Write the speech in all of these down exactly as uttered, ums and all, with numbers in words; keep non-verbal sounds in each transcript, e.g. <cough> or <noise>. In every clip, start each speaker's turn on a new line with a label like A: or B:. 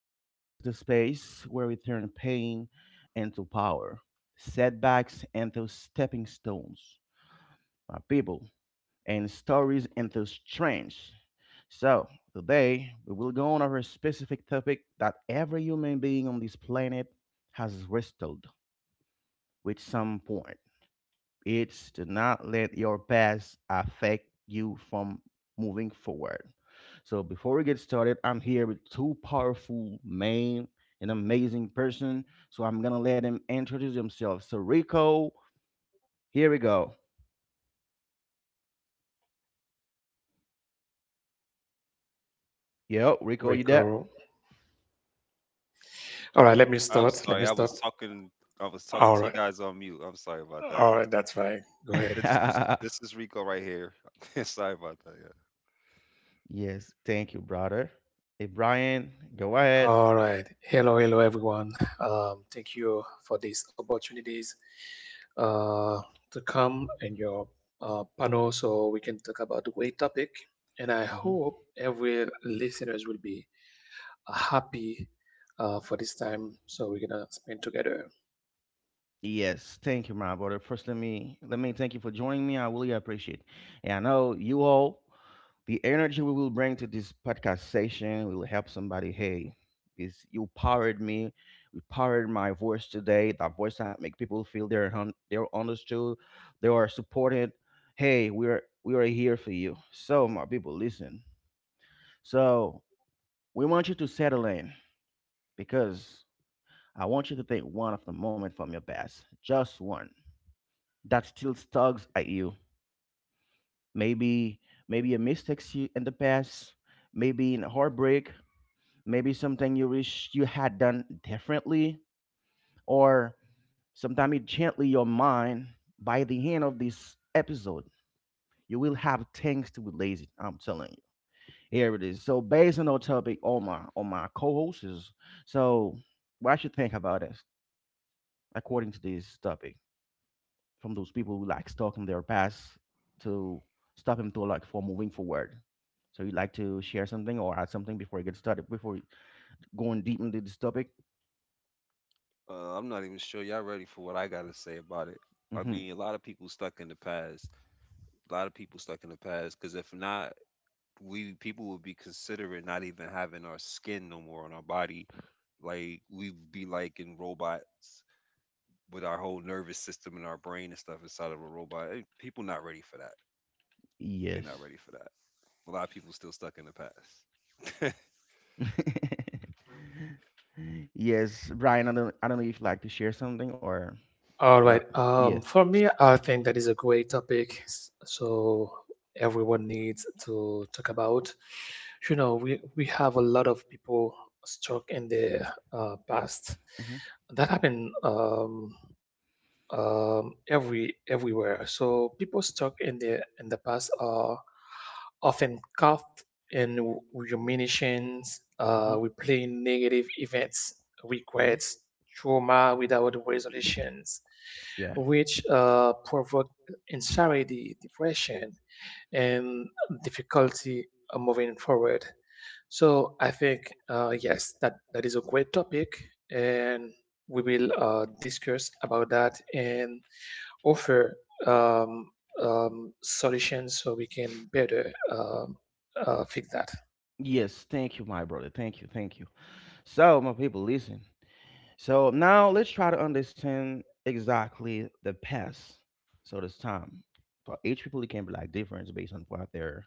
A: here is the space where we turn pain into power, setbacks into stepping stones, my people, and stories into strength. So, today we will go on over a specific topic that every human being on this planet has wrestled with some point. It's to not let your past affect you from moving forward. So before we get started, I'm here with two powerful men, an amazing person. So I'm gonna let him introduce himself. So Rico, here we go. Yo, Rico,
B: We
A: you there?
B: go. All right, let me
C: I'm
B: start. Let
C: sorry.
B: me
C: I was
B: start.
C: talking. I was talking
B: All
C: to you
B: right.
C: guys on mute. I'm sorry about that.
B: All right, that's fine. Go ahead.
C: This is
A: <laughs>
C: this is Rico right here. <laughs> Sorry about that. Yeah.
A: Yes, thank you, brother. Hey Brian, go ahead.
B: All right. Hello, hello, everyone. Um, thank you for these opportunities uh, to come in your uh, panel so we can talk about the great topic. And I
A: Mhm.
B: hope every listeners will be uh, happy uh, for this time so we're going to spend together.
A: Yes, thank you, my brother. First, let me let me thank you for joining me. I really appreciate. And I know you all, the energy we will bring to this podcast session will help somebody. Hey, is you powered me, you powered my voice today. That voice that make people feel they're hun- they're understood, they are supported. Hey, we are we are here for you. So, my people, listen. So we want you to settle in because I want you to think one of the moment from your past, just one, that still tugs at you. Maybe maybe a mistake you in the past, maybe in a heartbreak, maybe something you wish you had done differently, or sometimes it gently your mind. By the end of this episode, you will have things to be lazy. I'm telling you. Here it is. So based on our topic, all my all my co-hosts, so what you think about it according to this topic? From those people who like stuck in their past to stop him to like for moving forward. So you'd like to share something or add something before we get started, before we- going deep into this topic?
C: Uh, I'm not even sure y'all ready for what I gotta say about it. I
A: Hmm.
C: mean, a lot of people stuck in the past. A lot of people stuck in the past because if not, we people would be considering not even having our skin no more on our body. Like we'd be like in robots with our whole nervous system and our brain and stuff inside of a robot. Eh, People not ready for that. They're not
A: Yes.
C: ready for that. A lot of people still stuck in the past.
A: <laughs> Yes, Brian, I don't, I don't know if you'd like to share something, or
B: All
A: well,
B: right.
A: yeah.
B: Um, for me, I think that is a great topic. s- So everyone needs to talk about. You know, we we have a lot of people stuck in the uh, past.
A: Hmm.
B: That happened. Um, um, every everywhere. So people stuck in the in the past are often caught in ruminations, uh,
A: Hmm.
B: replaying negative events,
A: Hmm.
B: regrets, trauma without resolutions,
A: Yeah.
B: which uh, provoke anxiety, depression, and difficulty uh, moving forward. So I think uh, yes, that that is a great topic, and we will uh, discuss about that in offer um, um, solutions so we can better um, uh, fix that.
A: Yes, thank you, my brother. Thank you, thank you. So, my people, listen. So now let's try to understand exactly the past. So this time, for each people, it can be like different based on what they're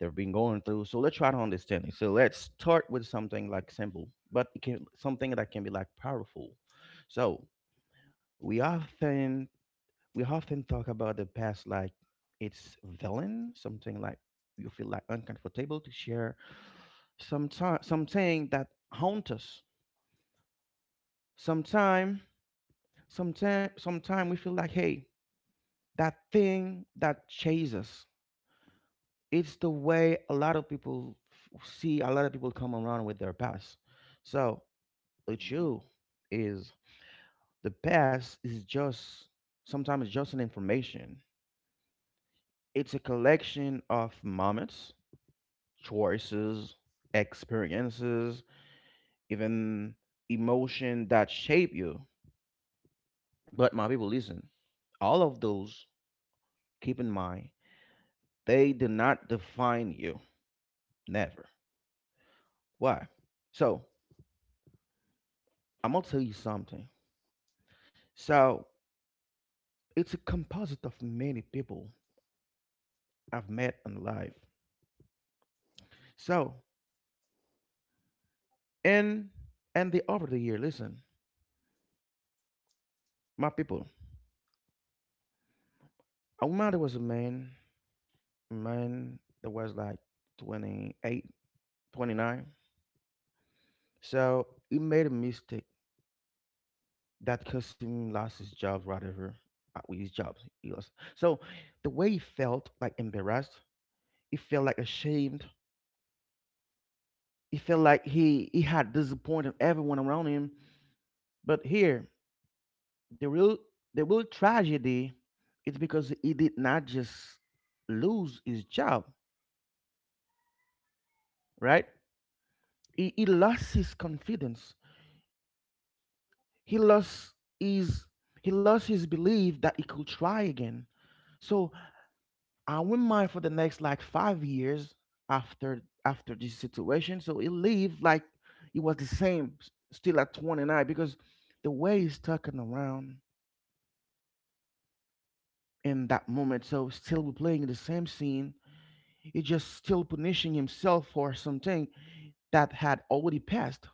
A: they've been going through. So let's try to understand it. So let's start with something like simple, but it can something that can be like powerful. So we often we often talk about the past like it's villain, something like you feel like uncomfortable to share. Sometime something that haunt us. Sometime Sometimes, sometime we feel like, hey, that thing that chases us. It's the way a lot of people f- see a lot of people come around with their past. So the
C: Mm-hmm.
A: truth is the past is just sometimes it's just an information. It's a collection of moments, choices, experiences, even emotion that shape you. But my people, listen, all of those, keep in mind, they do not define you. Never. Why? So, I'm gonna tell you something. So, it's a composite of many people I've met in life. So, and and the over the year, listen, my people. I remember there was a man, a man that was like twenty eight, twenty nine. So he made a mistake that cost him lost his job, whatever. uh, With his job, he lost. So the way he felt, like embarrassed, he felt like ashamed, he felt like he he had disappointed everyone around him. But here, the real the real tragedy is because he did not just lose his job, right? He, he lost his confidence. He lost his he lost his belief that he could try again. So I went mine for the next like five years after after this situation. So he lived like he was the same, s- still at twenty-nine, because the way he's talking around in that moment. So still we're playing the same scene, he just still punishing himself for something that had already passed.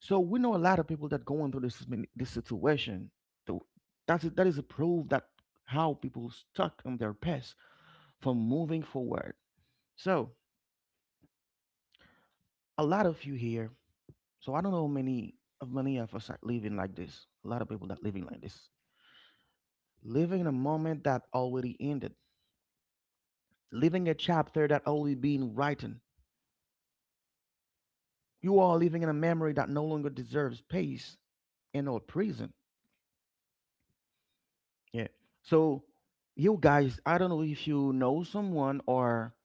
A: So we know a lot of people that going through this min- this situation. So that's a, that is a proof that how people stuck in their past from moving forward. So a lot of you here. So I don't know how many of many of us are living like this. A lot of people that living like this, living in a moment that already ended, living a chapter that already been written, you are living in a memory that no longer deserves space in our prison. Yeah. So you guys, I don't know if you know someone or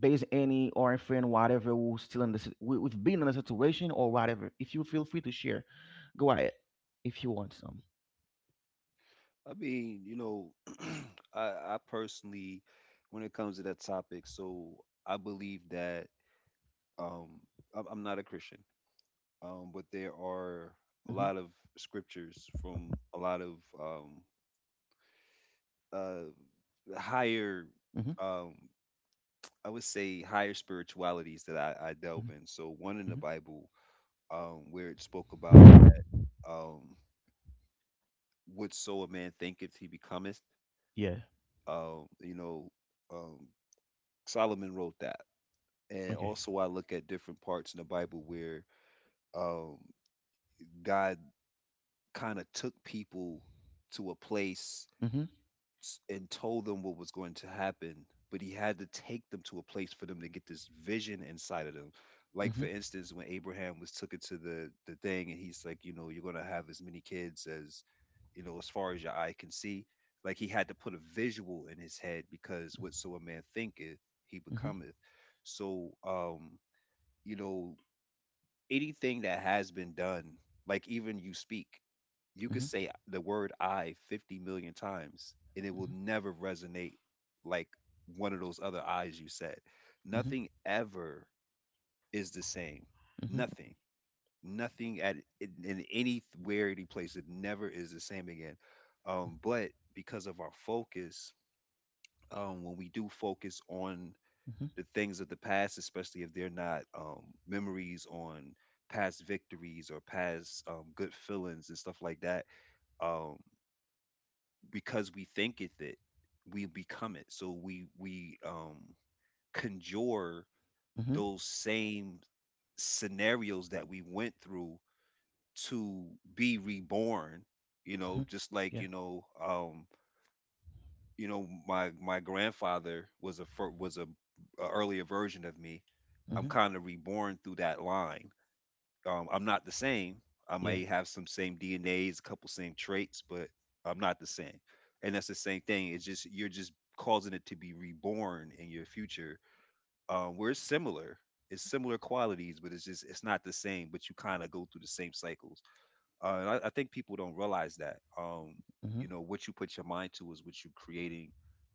A: based any or a friend, whatever, who's still in this, we've been in a situation or whatever. If you feel free to share, go ahead if you want some.
C: I mean, you know, <clears throat> I, I personally, when it comes to that topic, so I believe that um, I'm I'm not a Christian, um, but there are a
A: Mm-hmm.
C: lot of scriptures from a lot of um, uh, higher,
A: Mm-hmm.
C: um, I would say, higher spiritualities that I, I
A: Mm-hmm.
C: delve in. So one in the Bible um, where it spoke about
A: Mm-hmm.
C: um, what so a man thinketh he becometh.
A: Yeah.
C: Um, you know, um, Solomon wrote that. And
A: Okay.
C: also, I look at different parts in the Bible where um, God kind of took people to a place
A: Mm-hmm.
C: s- and told them what was going to happen, but he had to take them to a place for them to get this vision inside of them. Like for
A: Mm-hmm.
C: instance, when Abraham was took into the the thing, and he's like, you know, you're gonna have as many kids as, you know, as far as your eye can see. Like he had to put a visual in his head because whatso a man thinketh, he
A: Mm-hmm.
C: becometh. So, um, you know, anything that has been done, like even you speak. You could
A: Mm-hmm.
C: say the word I fifty million times and it will
A: Mm-hmm.
C: never resonate like one of those other I's you said.
A: Mm-hmm.
C: Nothing ever is the same. Nothing. Nothing at in, in any where any place it never is the same again. Um, but because of our focus, um, when we do focus on
A: Mm-hmm.
C: the things of the past, especially if they're not um, memories on past victories or past um, good feelings and stuff like that, um, because we thinketh it, we become it. So we we um conjure
A: Mm-hmm.
C: those same scenarios that we went through to be reborn, you
A: Mm-hmm.
C: know, just like,
A: Yeah.
C: you know, um, you know, my my grandfather was a fir- was a, a earlier version of me. I'm
A: Mm-hmm.
C: kind of reborn through that line. Um, I'm not the same. I
A: Yeah.
C: may have some same D N As, a couple same traits, but I'm not the same. And that's the same thing. It's just you're just causing it to be reborn in your future. Um, we're similar. It's similar qualities, but it's just it's not the same. But you kind of go through the same cycles. Uh, and I, I think people don't realize that. Um,
A: Mm-hmm.
C: you know, what you put your mind to is what you're creating.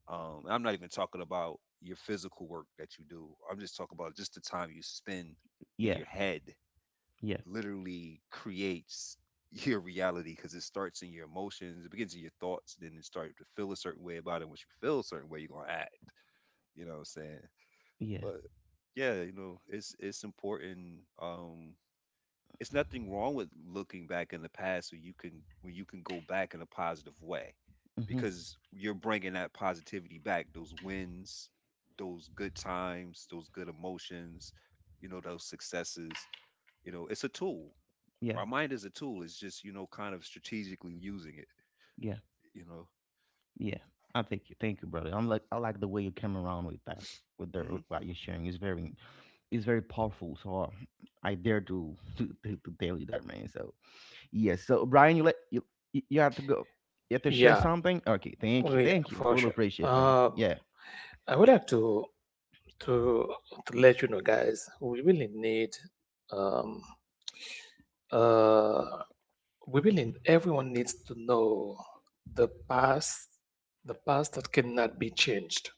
C: Um, and I'm not even talking about your physical work that you do. I'm just talking about just the time you spend in
A: Yeah.
C: your head
A: Yeah.
C: literally creates <laughs> your reality because it starts in your emotions, it begins in your thoughts, then it starts to feel a certain way about it. Once you feel a certain way, you're gonna act. You know what I'm saying?
A: Yeah.
C: But yeah, you know, it's it's important. Um, it's nothing wrong with looking back in the past when you can when you can go back in a positive way,
A: Mm-hmm.
C: because you're bringing that positivity back, those wins, those good times, those good emotions, you know, those successes. You know, it's a tool.
A: Yeah,
C: Our mind is a tool. It's just you know kind of strategically using it.
A: yeah,
C: You know.
A: yeah. I thank you, thank you, brother. I'm like, I like the way you came around with that, with the
C: hmm
A: with what you're sharing. It's very, it's very powerful. So uh, I dare to <laughs> to, to, to tell you that, man. So yes. So Brian, you let you you you have to go. You have to share
B: Yeah,
A: something. Okay, thank you,
B: we
A: thank you. I
B: for
A: really
B: sure.
A: appreciate it, man.
B: Uh,
A: Yeah,
B: I would like to to to let you know, guys. We really need um, uh, we believe everyone needs to know the past, the past that cannot be changed.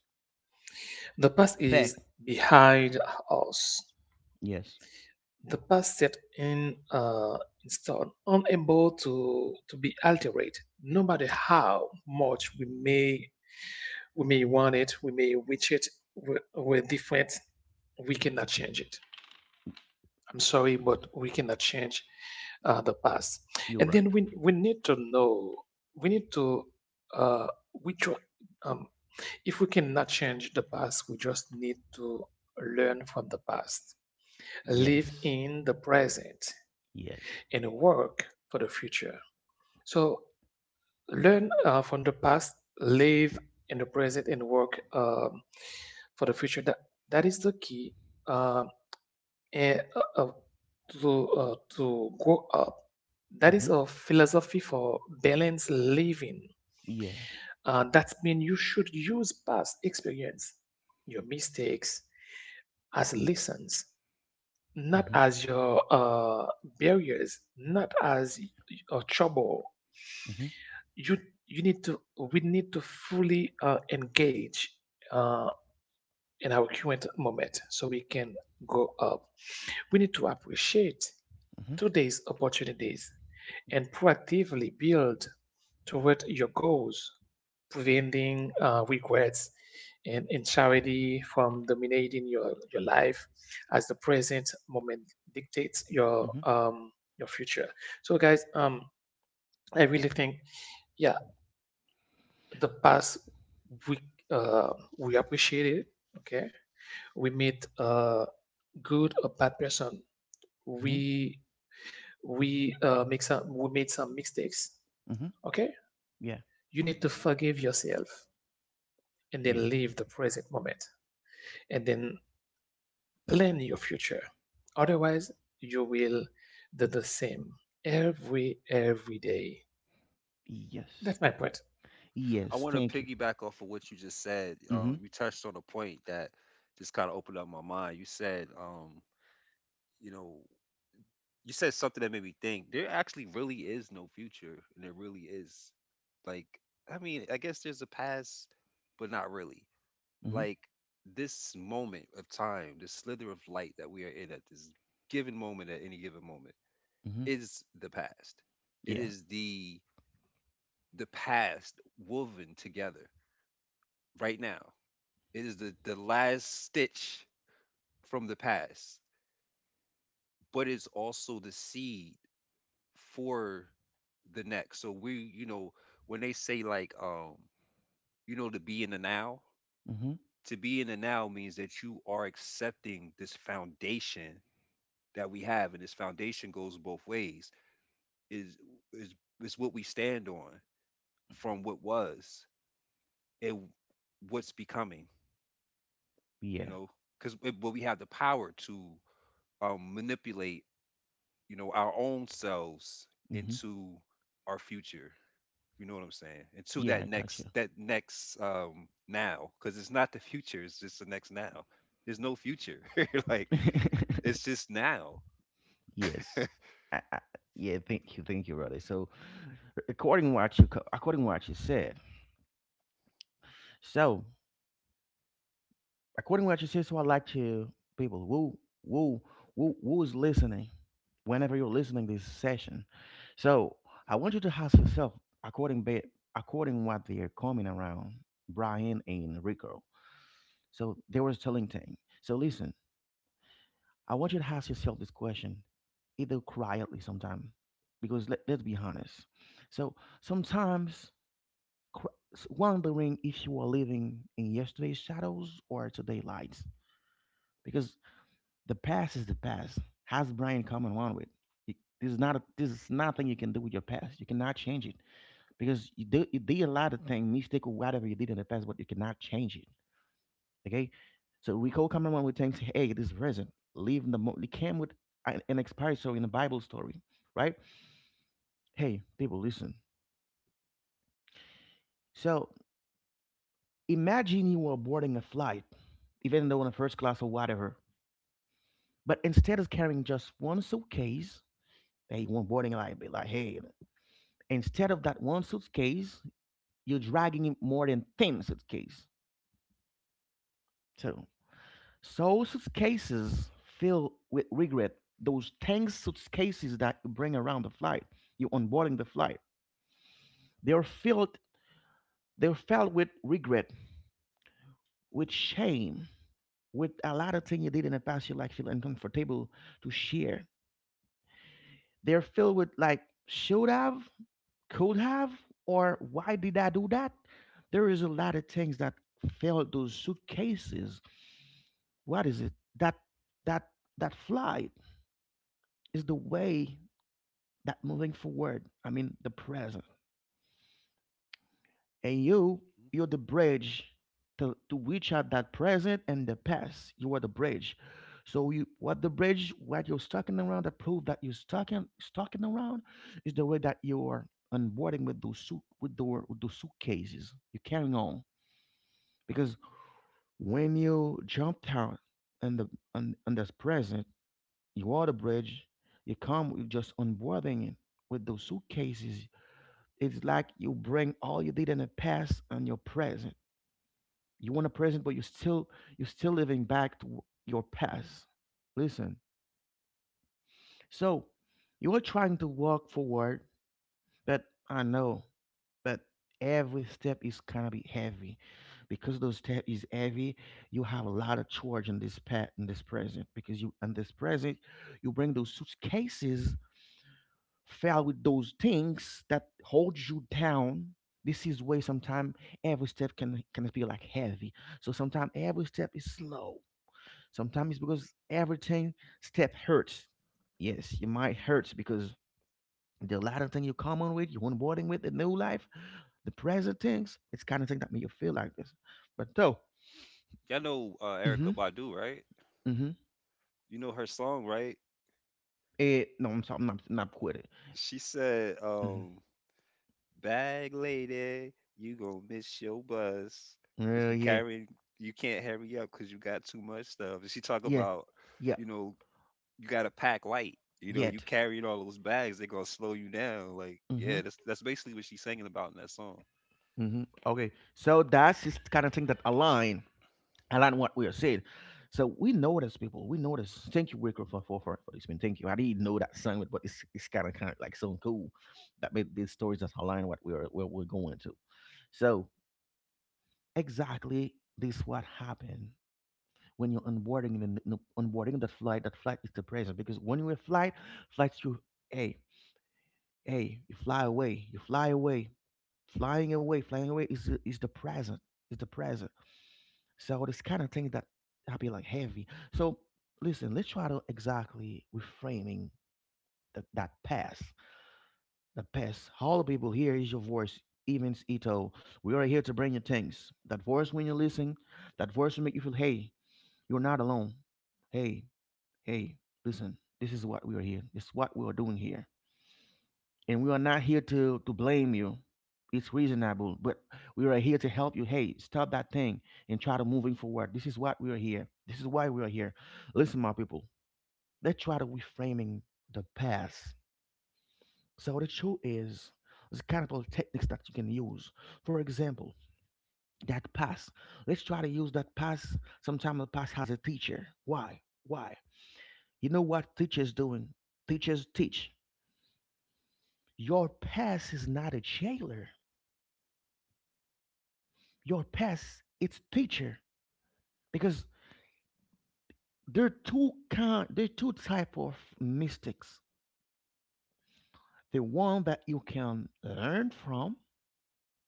B: The past is
A: fact.
B: behind us.
A: Yes,
B: The past set in uh, in stone, unable to to be altered, no matter how much we may we may want it, we may wish it, we we're different. We cannot change it. I'm sorry, but we cannot change uh, the past.
A: you're
B: And
A: right.
B: then we we need to know we need to uh, we ju- um, if we cannot change the past, we just need to learn from the past, live
A: Yes,
B: in the present,
A: yes.
B: and work for the future. So learn uh, from the past, live in the present, and work um, for the future. That that is the key. Uh, eh, uh, uh, to uh, to grow up. That is
A: Mm-hmm.
B: a philosophy for balanced living.
A: Yeah.
B: Uh, that means you should use past experience, your mistakes, as lessons, not
A: Mm-hmm.
B: as your uh, barriers, not as a trouble.
A: Mm-hmm.
B: You you need to we need to fully uh, engage uh, in our current moment so we can grow up. We need to appreciate
A: Mm-hmm.
B: today's opportunities and proactively build toward your goals, preventing uh, regrets and, and charity from dominating your, your life as the present moment dictates your
A: Mm-hmm.
B: um, your future. So, guys, um, I really think, yeah, the past we uh, we appreciate it. Okay, we meet a good or bad person. We we uh, make some we made some mistakes.
A: Mm-hmm. Mm-hmm.
B: Okay,
A: Yeah.
B: you need to
C: hmm
B: forgive yourself and then
A: Yes.
B: live the present moment and then plan your future. Otherwise, you will do the same every every day.
A: Yes.
B: That's my point.
C: I
A: Yes.
C: want to
A: Thank you.
C: piggyback off of what you just said. Um,
A: Mhm,
C: you touched on a point that just kind of opened up my mind. You said, um, you know, you said something that made me think. There actually really is no future, and there really is. Like, I mean, I guess there's a past, but not really.
A: mhm,
C: Like this moment of time, this slither of light that we are in at this given moment, at any given moment,
A: mhm.
C: is the past. It
A: Yeah.
C: is the the past woven together right now. It is the the last stitch from the past, but it's also the seed for the next. So we, you know, when they say like um, you know, to be in the now,
A: Mhm.
C: to be in the now means that you are accepting this foundation that we have, and this foundation goes both ways, is is is what we stand on from what was and what's becoming, you
A: Yeah.
C: know, because but we have the power to um, manipulate, you know, our own selves
A: Mhm.
C: into our future. You know what I'm saying? Into
A: Yeah, I
C: that
A: got you.
C: next, that next um, now, because it's not the future; it's just the next now. There's no future. <laughs> Like
A: <laughs>
C: it's just now.
A: Yes. I, I, yeah, thank you, thank you, brother. So, according what you, co- according what you said, so according what you said, so I like to people who who who who is listening, whenever you're listening this session. So I want you to ask yourself, according ba- according what they're coming around, Brian and Rico. So they were telling thing. So listen. I want you to ask yourself this question, either quietly sometime, because let, let's be honest. So sometimes qu- s- wondering if you are living in yesterday's shadows or today's lights, because the past is the past. Has Brian come and run with? Y- This is not a, this is nothing you can do with your past. You cannot change it because you, do, you did a lot of things, mistake or whatever you did in the past, but you cannot change it. Okay, so we call cameraman with things. Hey, this is present. Leave the mo- they came with an, an expired story in the Bible story, right? Hey, people, listen. So imagine you were boarding a flight, even though in the first class or whatever, but instead of carrying just one suitcase, they want boarding like be like, hey, instead of that one suitcase, you're dragging in more than ten suitcases. So So suitcases filled with regret, those tank suitcases that you bring around the flight, you onboarding the flight, they're filled they're filled with regret, with shame, with a lot of things you did in the past you like feel uncomfortable to share. They're filled with like should have, could have, or why did I do that? There is a lot of things that filled those suitcases, what is it, that that that flight is the way that moving forward, I mean the present. And you you're the bridge to, to reach out that present, and the past you are the bridge. So you what the bridge, what you're stalking around, that prove that you're stalking stalking around is the way that you are onboarding with those suit with the with those suitcases you're carrying on, because when you jumped out and the on, on this present, you are the bridge. You come with just onboarding it with those suitcases. It's like you bring all you did in the past and your present. You want a present, but you still you're still living back to w- your past. Listen. So you are trying to walk forward, but I know, but every step is gonna be heavy. Because those step is heavy, you have a lot of charge in this past in this present. Because you in this present, you bring those suitcases fell with those things that hold you down. This is where sometimes every step can can feel like heavy, so sometimes every step is slow, sometimes it's because everything step hurts. Yes, you might
C: Mhm.
A: hurt because the latter thing you come on with you're onboarding with the new life, the present things, it's kind of thing that make you feel like this, but though.
C: Y'all know uh, Erica
A: Mm-hmm.
C: Badu, right?
A: Mm-hmm.
C: You know her song, right?
A: It, no, I'm sorry, I'm not, not quitting.
C: She said,
A: Mm-hmm.
C: um, bag lady, you gonna miss your bus because
A: Yeah,
C: you
A: yeah,
C: carrying you can't hurry up because you got too much stuff. And she talk
A: yeah,
C: about,
A: yeah.
C: you know, you gotta pack light. You know, you
A: Yet.
C: carrying all those bags, they gonna slow you down. Like,
A: Mm-hmm.
C: yeah, that's that's basically what she's singing about in that song.
A: Hmm. Okay, so that's just kind of thing that align align what we are saying. So we notice people, we notice. Thank you, Rico, for for for for this. Man, thank you. I didn't know that song, but it's it's kind of kind of like so cool that made these stories that align what we're where we're going to. So exactly this what happened when you're onboarding the the- onboarding that flight. That flight is the present because when you're in flight, flights you hey hey you fly away, you fly away, flying away, flying away is the- is the present. Is the present. So this kind of things that I be like heavy. So listen, let's try to exactly reframing that that past. The past. All the people here is your voice. Even Ito, we are here to bring you things. That voice when you listen, that voice will make you feel, hey, you're not alone. Hey, hey, listen, this is what we are here. This is what we are doing here and we are not here to to blame you. It's reasonable, but we are here to help you. Hey, stop that thing and try to moving forward. This is what we are here. This is why we are here. Listen, my people, let's try to reframing the past. So the truth is, there's kind of little techniques that you can use. For example, that past. Let's try to use that past. Sometimes the past has a teacher. Why? Why? You know what teachers doing? Teachers teach. Your past is not a jailer. Your past, it's teacher, because there are two kind there are two type of mistakes, the one that you can learn from,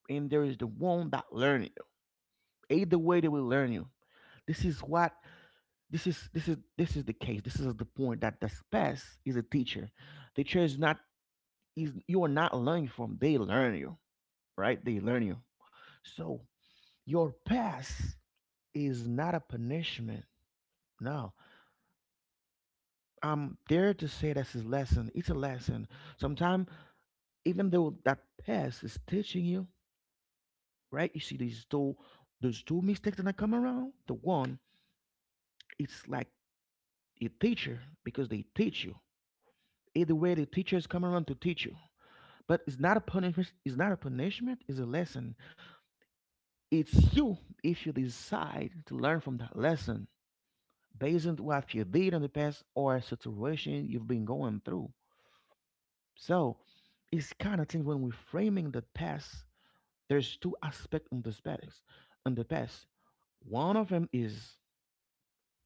A: and there is the one that learn you. Either way they will learn you. This is what, this is this is this is the case. This is the point that the past is a teacher. The teacher is not, is you are not learning from, they learn you, right? They learn you. So your past is not a punishment. No, I'm there to say that's his lesson. It's a lesson. Sometimes, even though that past is teaching you, right? You see these two, those two mistakes that come around. The one, it's like a teacher because they teach you. Either way, the teachers come around to teach you. But it's not a punishment. It's not a punishment. It's a lesson. It's you, if you decide to learn from that lesson based on what you did in the past or a situation you've been going through. So it's kind of thing when we're framing the past, there's two aspects in the space, in the past. One of them is,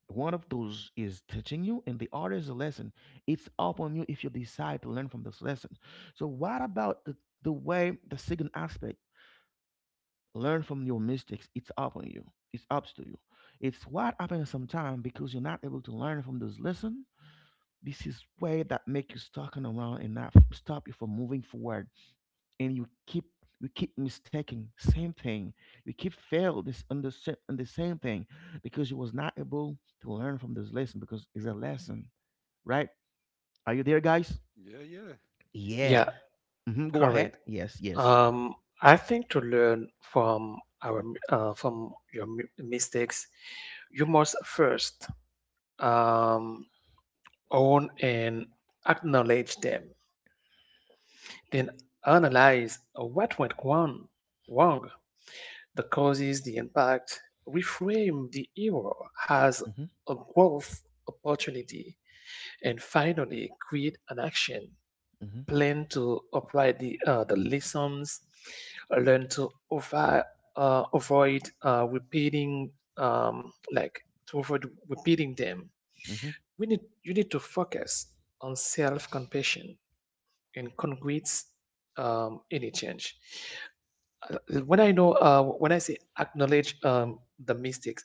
A: one of those is teaching you and the other is a lesson. It's up on you if you decide to learn from this lesson. So what about the, the way, the second aspect, learn from your mistakes, it's up on you, it's up to you. It's what happens sometimes because you're not able to learn from this lesson. This is way that make you stuck and around and not f- stop you from moving forward, and you keep, you keep mistaking same thing. You keep fail this on the, sa- on the same thing, because you was not able to learn from this lesson because it's a lesson, right? Are you there guys?
C: Yeah, yeah,
A: Yeah.
B: Yeah,
A: Hmm, go ahead,
B: correct.
A: yes, yes.
B: Um, I think to learn from our m- uh, from your mi- mistakes, you must first um, own and acknowledge them. Then analyze what went wrong, wrong, the causes, the impact, reframe the error as
A: Mm-hmm,
B: a growth opportunity, and finally create an action
A: mm-hmm,
B: plan to apply the, uh, the lessons, learn to avoid, uh, avoid uh, repeating um, like to avoid repeating them.
A: mm-hmm,
B: We need you need to focus on self-compassion and concrete um, any change. Uh, When I know uh, when I say acknowledge um, the mistakes,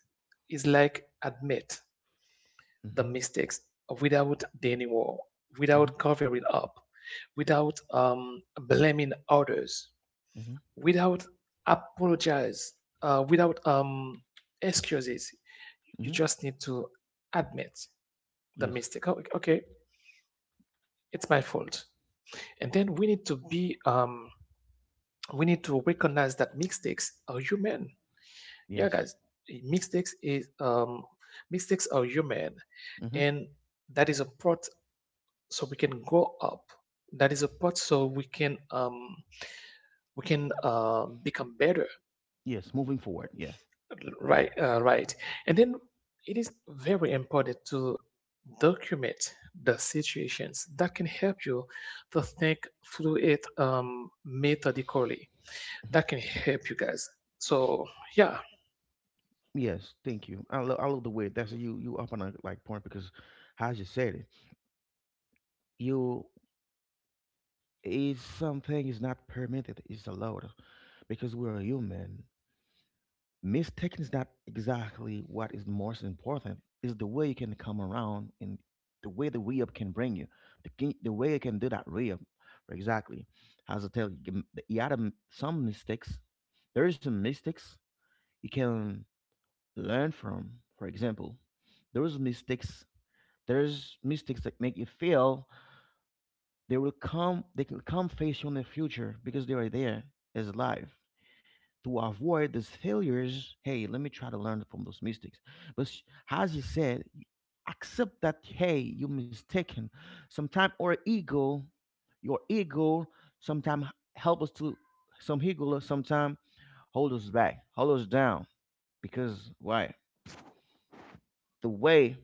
B: it's like admit
A: mm-hmm,
B: the mistakes without denying war,
A: mm-hmm,
B: without covering up, without um, blaming others,
A: mm-hmm,
B: without apologize, uh, without um, excuses. You
A: mm-hmm.
B: just need to admit the
A: Yes,
B: mistake. Oh, okay, it's my fault. And then we need to be um we need to recognize that mistakes are human. Yeah,
A: yes.
B: guys, mistakes is um mistakes are human,
A: Mm-hmm.
B: and that is a part so we can grow up. That is a part so we can um we can uh, become better,
A: Yes, moving forward, yeah.
B: right? Uh, right, and then it is very important to document the situations that can help you to think through it um, methodically. That can
A: Mm-hmm.
B: help you guys. So yeah,
A: Yes, thank you. I, love I love the way that's you
C: definitely.
A: you up on a like point because how you said it. You. Is something is not permitted, it's allowed because we're human. Mistaking is not exactly what is most important. Is the way you can come around, and the way the re-up can bring you. The, ki- the way you can do that re-up. Exactly. As I tell you, m- you had a m- some mistakes. There is some mistakes you can learn from. For example, there's mistakes. There's mistakes that make you fail. They will come. They can come face you in the future because they are there as life, to avoid these failures. Hey, let me try to learn from those mistakes. But sh- as you said, accept that hey, you mistaken. Sometimes our ego, your ego, sometimes help us to some ego. Sometimes hold us back, hold us down. Because why? The way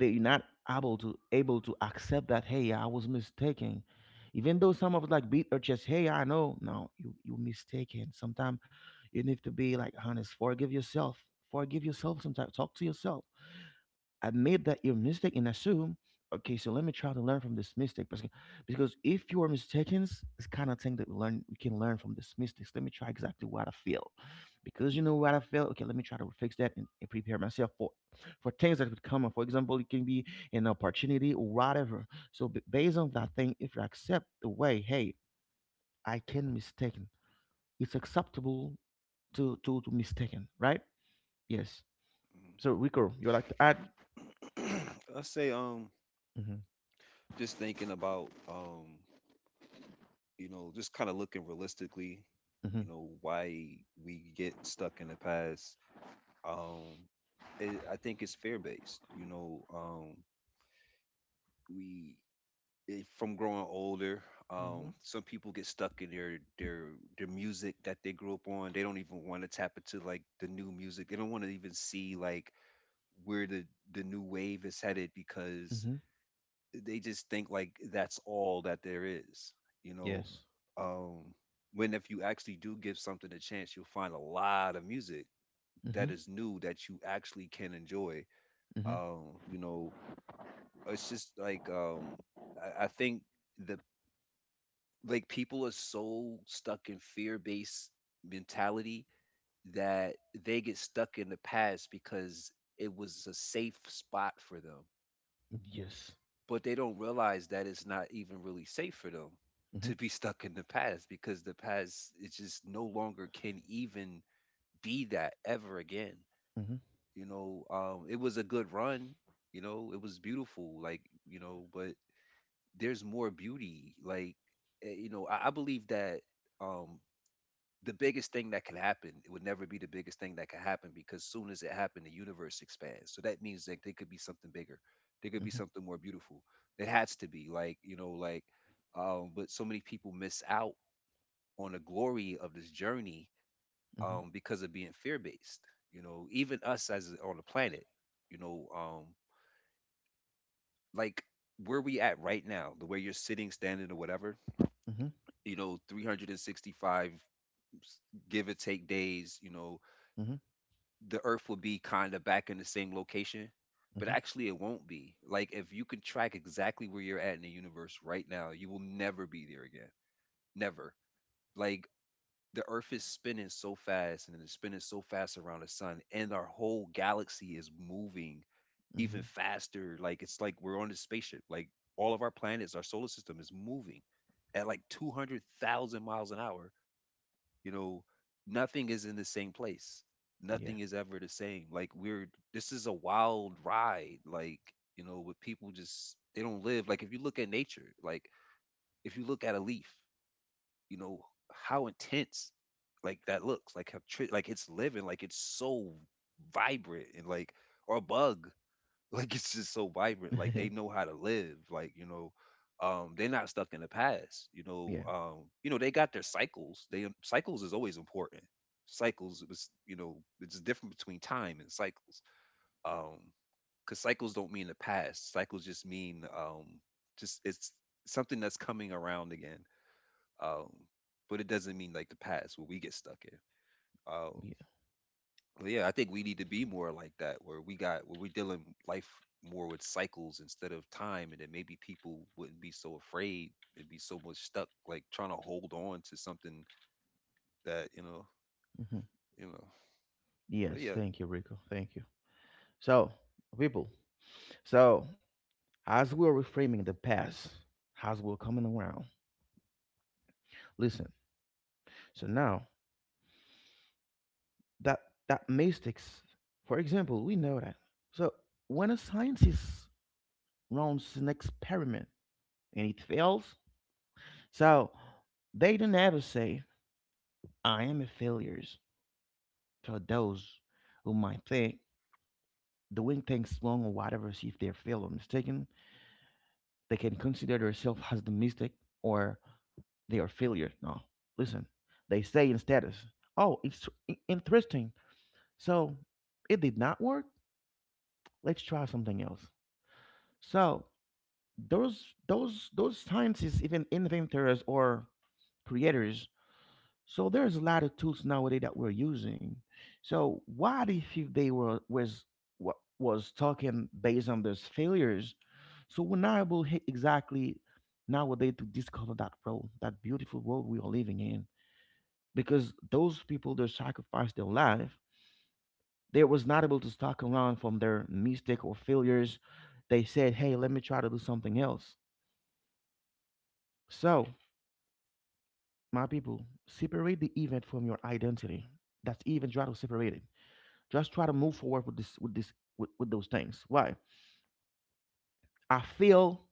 A: they're not able to able to accept that hey, I was mistaken. Even though some of us like beat their chest, hey I know, no, you you mistaken sometimes. You need to be like honest, forgive yourself, forgive yourself. Sometimes talk to yourself, admit that your mistake and assume, okay so let me try to learn from this mistake because because if your mistakes, it's kind of thing that we learn we can learn from this mistakes. Let me try exactly what I feel, because you know what I feel, okay let me try to fix that and, and prepare myself for for things that could come up. For example, it can be an opportunity or whatever. So b- based on that thing, if you accept the way, hey I can mistaken, it's acceptable to to to mistaken, right? Yes. So Rico, you would like to add.
C: Mm-hmm. <clears throat> I say, um,
A: Mm-hmm,
C: just thinking about, um, you know, just kind of looking realistically,
A: mm-hmm.
C: you know, why we get stuck in the past. Um, it, I think it's fear based. You know, um, we eh, from growing older.
A: Mm-hmm.
C: Um, some people get stuck in their their their music that they grew up on. They don't even want to tap into like the new music. They don't want to even see like where the the new wave is headed because
A: Mm-hmm.
C: they just think like that's all that there is. You know,
A: Yes.
C: um, when if you actually do give something a chance, you'll find a lot of music
A: Mm-hmm.
C: that is new that you actually can enjoy.
A: Mm-hmm.
C: Um, you know, it's just like um, I, I think the like people are so stuck in fear-based mentality that they get stuck in the past because it was a safe spot for them.
A: Yes.
C: But they don't realize that it's not even really safe for them
A: Mm-hmm.
C: to be <laughs> stuck in the past because the past it just no longer can even be that ever again.
A: Mm-hmm.
C: You know, um, it was a good run. You know, it was beautiful. Like you know, but there's more beauty. Like eh, you know, I, I believe that um, the biggest thing that can happen it would never be the biggest thing that could happen because soon as it happened the universe expands so that means that there could be something bigger, there could be
A: Mm-hmm.
C: something more beautiful. It has to be like you know like um but so many people miss out on the glory of this journey
A: Mm-hmm.
C: um because of being fear based. You know, even us as on the planet, you know, um like where we at right now, the way you're sitting standing or whatever,
A: Mm-hmm.
C: you know, three hundred sixty-five give or take days, you know,
A: Mm-hmm.
C: the earth will be kind of back in the same location, but
A: Mm-hmm.
C: actually it won't be. Like if you could track exactly where you're at in the universe right now, you will never be there again. Never. Like the earth is spinning so fast, and it's spinning so fast around the sun, and our whole galaxy is moving
A: Mm-hmm.
C: even faster. Like it's like we're on a spaceship. Like all of our planets, our solar system, is moving at like two hundred thousand miles an hour. You know, nothing is in the same place.
A: Yeah.
C: Nothing is ever the same. Like we're this is a wild ride. Like you know with people just they don't live. Like if you look at nature, like if you look at a leaf, you know how intense like that looks, like how tri- like it's living, like it's so vibrant and like or a bug. <laughs> Like it's just so vibrant. Like they know
A: <laughs>
C: how to live. Like you know, um, they're not stuck in the past. You know,
A: Yeah.
C: um, you know they got their cycles. They um, cycles is always important. Cycles is you know it's different between time and cycles. Um, because cycles don't mean the past. Cycles just mean um, just it's something that's coming around again. Um, but it doesn't mean like the past where we get stuck in. um,
A: Yeah.
C: well, yeah, I think we need to be more like that, where we got where we're dealing life more with cycles instead of time, and then maybe people wouldn't be so afraid and be so much stuck, like trying to hold on to something that you know,
A: Mm-hmm.
C: you know. But
A: Yes.
C: yeah,
A: Thank you, Rico. Thank you. So, people. So, as we're reframing the past, as we're coming around. Listen. So now that that mystics, for example, we know that. So when a scientist runs an experiment and it fails, so they don't ever say I am a failure. For those who might think doing things wrong or whatever, see if they're failed or mistaken, they can consider themselves as the mistake, or they are failure. No, listen, they say in status, oh, it's i- interesting. So it did not work. Let's try something else. So those those those scientists, even inventors or creators. So there's a lot of tools nowadays that we're using. So what if you- they were was wa- was talking based on those failures? So we're not able he- exactly nowadays to discover that world, that beautiful world we are living in, because those people that sacrificed their life, they was not able to stuck around from their mistake or failures. They said, "Hey, let me try to do something else." So my people, separate the event from your identity. That's even try to separate it. Just try to move forward with this with this with, with those things. Why? I feel,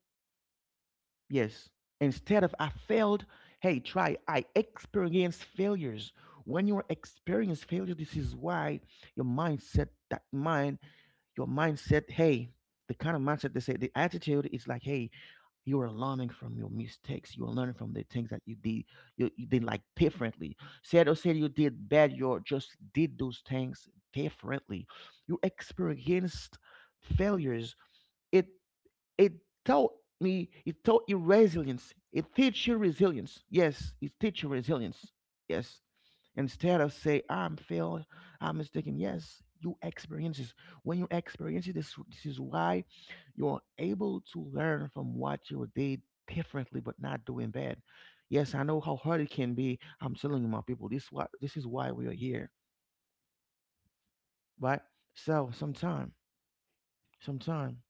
A: yes. Instead of I failed, hey, try I experienced failures. When you experience failure, this is why your mindset, that mind, your mindset, hey, the kind of mindset they say the attitude is like, hey, you are learning from your mistakes. You are learning from the things that you did, you, you did like differently. Said or said you did bad, you just did those things differently. You experienced failures. It it taught me, it taught you resilience. It teach you resilience. Yes, it teach you resilience. Yes. Instead of say I'm failed, I'm mistaken. Yes, you experience this. When you experience it, this this is why you're able to learn from what you did differently, but not doing bad. Yes, I know how hard it can be. I'm telling you, my people, this what this is why we are here, right? So sometime, sometime,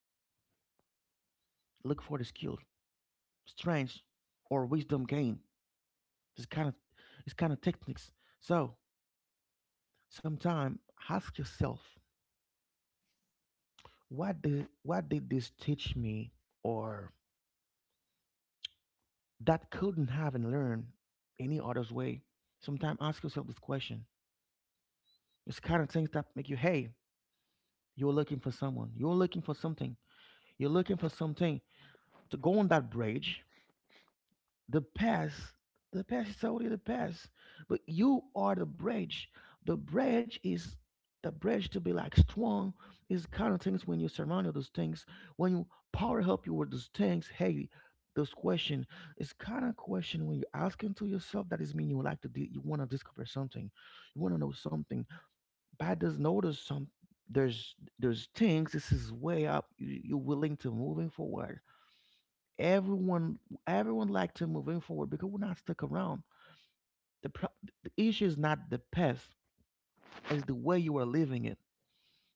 A: look for the skill, strength, or wisdom gain. This kind of, this kind of techniques. So sometime, ask yourself, What did what did this teach me, or that couldn't have and learn any other way? Sometimes ask yourself this question. It's kind of things that make you, hey, you're looking for someone, you're looking for something, you're looking for something to go on that bridge, the past. The past is already the past, but you are the bridge. The bridge is the bridge to be like strong. Is kind of things when you surround you those things, when you power up you with those things, hey, this question is kind of question when you're asking to yourself, that is mean you would like to di- you want to discover something, you want to know something. Bad does notice some, there's there's things, this is way up you, you're willing to moving forward. Everyone, everyone like to moving forward because we're not stuck around. the, pro- the issue is not the past, it's the way you are living it,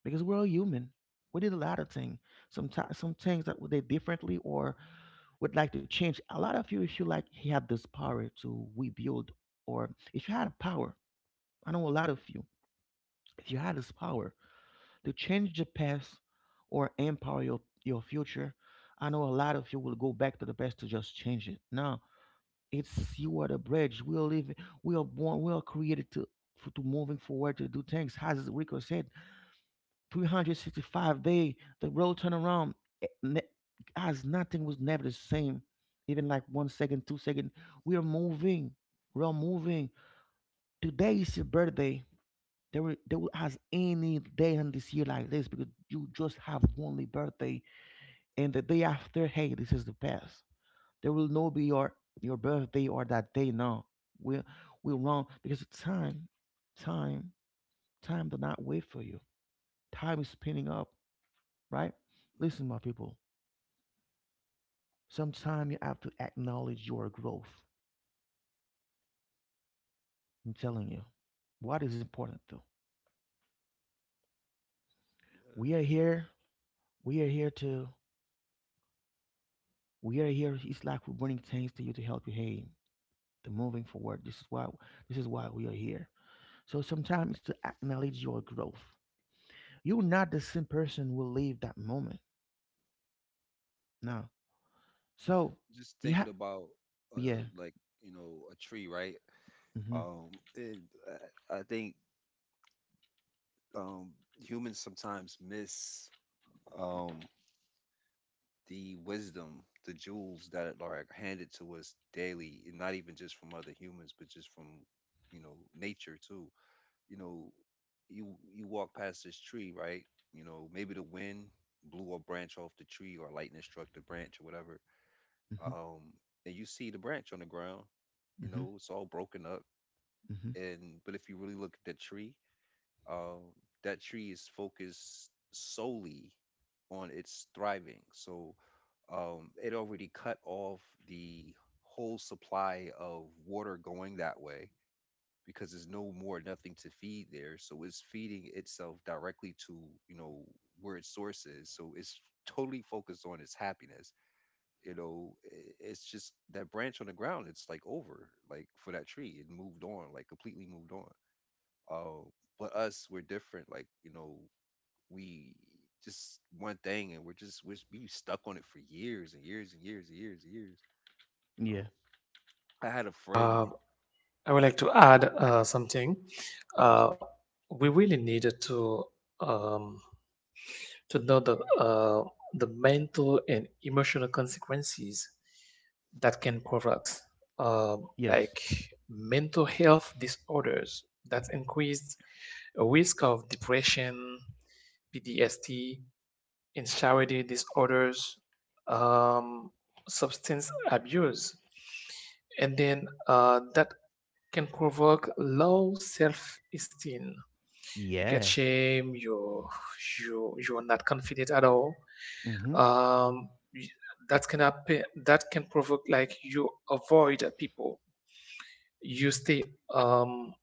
A: because we're all human. We did a lot of things, some ti- some things that we did differently, or would like to change. A lot of you, if you like you had this power to rebuild, or if you had a power, I know a lot of you, if you had this power to change the past or empower your your future, I know a lot of you will go back to the past to just change it. No. It's you are the bridge. We are living. We are born. We are created to, for, to moving forward to do things. As Rico said, three hundred sixty-five day the world turn around. eh, ne- As nothing was never the same. Even like one second, two second, we are moving. We are moving. Today is your birthday. There will, there will as any day in this year like this because you just have only birthday, and the day after, hey, this is the best. There will no be your your birthday or that day. No, we we wrong because time, time, time does not wait for you. Time is spinning up, right?
C: mhm.
A: Listen, my people. Sometime you have to acknowledge your growth. I'm telling you, what is important though.
C: Yeah.
A: We are here. We are here to. We are here. It's like we're bringing things to you to help you. Hey, to moving forward. This is why. This is why we are here. So sometimes it's to acknowledge your growth. You're not the same person who will leave that moment. No. So
C: Just
A: you
C: thinking
A: have,
C: about uh,
A: yeah.
C: like you know a tree, right?
A: Mm-hmm.
C: Um, and I, I think um, humans sometimes miss um the wisdom, the jewels that are handed to us daily, and not even just from other humans, but just from you know nature too. You know, you you walk past this tree, right? You know, maybe the wind blew a branch off the tree or lightning struck the branch or whatever,
A: Mm-hmm.
C: um, and you see the branch on the ground. You
A: Mm-hmm.
C: know, it's all broken up,
A: Mm-hmm.
C: and but if you really look at that tree, um, that tree is focused solely on its thriving. So um, it already cut off the whole supply of water going that way because there's no more nothing to feed there, so it's feeding itself directly to you know where its source is, so it's totally focused on its happiness. You know i- it's just that branch on the ground, it's like over, like for that tree it moved on, like completely moved on. uh, but us we're different. Like you know we just one thing and we're just we're we stuck on it for years and years and years and years and years. You
A: Yeah.
C: know, I had a friend.
B: uh, I would like to add uh, something.
C: I was
B: Uh,
C: like,
B: we really needed to um, to know the uh, the mental and emotional consequences that can provoke, um,
A: Yes.
B: like mental health disorders that increased a risk of depression, P T S D, instability disorders, um, substance abuse, and then uh, that can provoke low self-esteem. You get
A: Yeah.
B: shame. You you you are not confident at all.
A: Mm-hmm.
B: Um, y- that can happen. That can provoke like you avoid people. You stay um,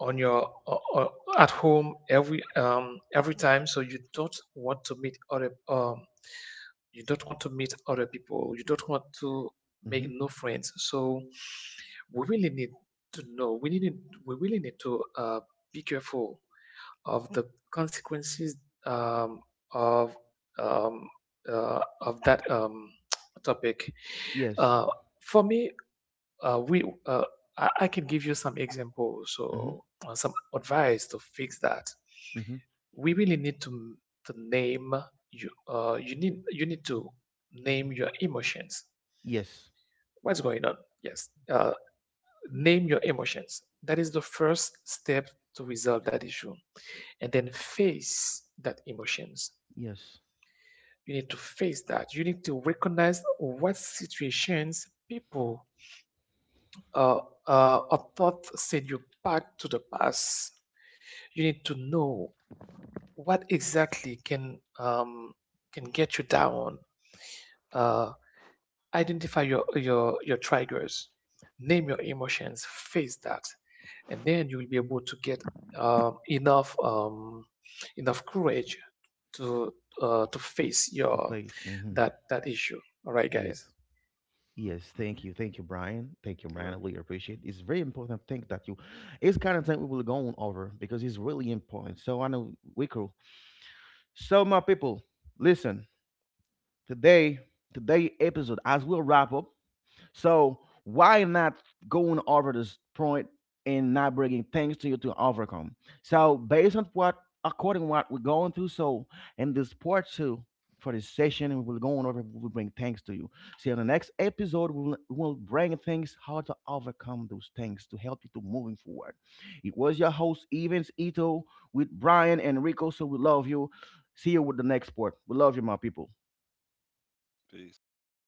B: on your uh, uh, at home every um, every time, so you don't want to meet other um, you don't want to meet other people, you don't want to make
A: Mm-hmm.
B: new friends. So we really need to know, we really need, we really need to uh, be careful of the consequences um, of um, uh, of that um, <tsk> topic.
A: Yes.
B: uh, for me uh, we uh, I, I can give you some examples
A: Mm-hmm.
B: or uh, some advice to fix that.
A: Mm-hmm.
B: We really need to to name you. Uh, you need you need to name your emotions.
A: Yes.
B: What's going on? Yes, uh, name your emotions. That is the first step to resolve that issue, and then face that emotions.
A: Yes.
B: You need to face that. You need to recognize what situations, people, Uh, uh, a thought send you back to the past. You need to know what exactly can um, can get you down. Uh, Identify your, your, your triggers, name your emotions, face that, and then you will be able to get um, enough um, enough courage to uh, to
A: To
B: face
A: to
B: your
A: face. Mm-hmm.
B: that that issue. All right,
A: Yeah.
B: guys.
A: Yes. Thank
C: hmm.
A: you. Thank you, Brian. Thank you, Brian.
C: Yeah,
A: I really appreciate it. It's very important thing that you, it's kind of thing we will go on over because it's really important. So I know we could, so my people, listen, today, today episode, as we'll wrap up, so why not going over this point and not bringing things to you to overcome? So based on what, according to what we're going through, so in this part two for this session, we will go on over, we will bring things to you. See, in the next episode, we will, we will bring things, how to overcome those things to help you to moving forward. It was your host, Evans Ito, with Brian and Rico. So we love you. See you with the next part. We love you, my people.
B: All right,
C: peace.
B: guys.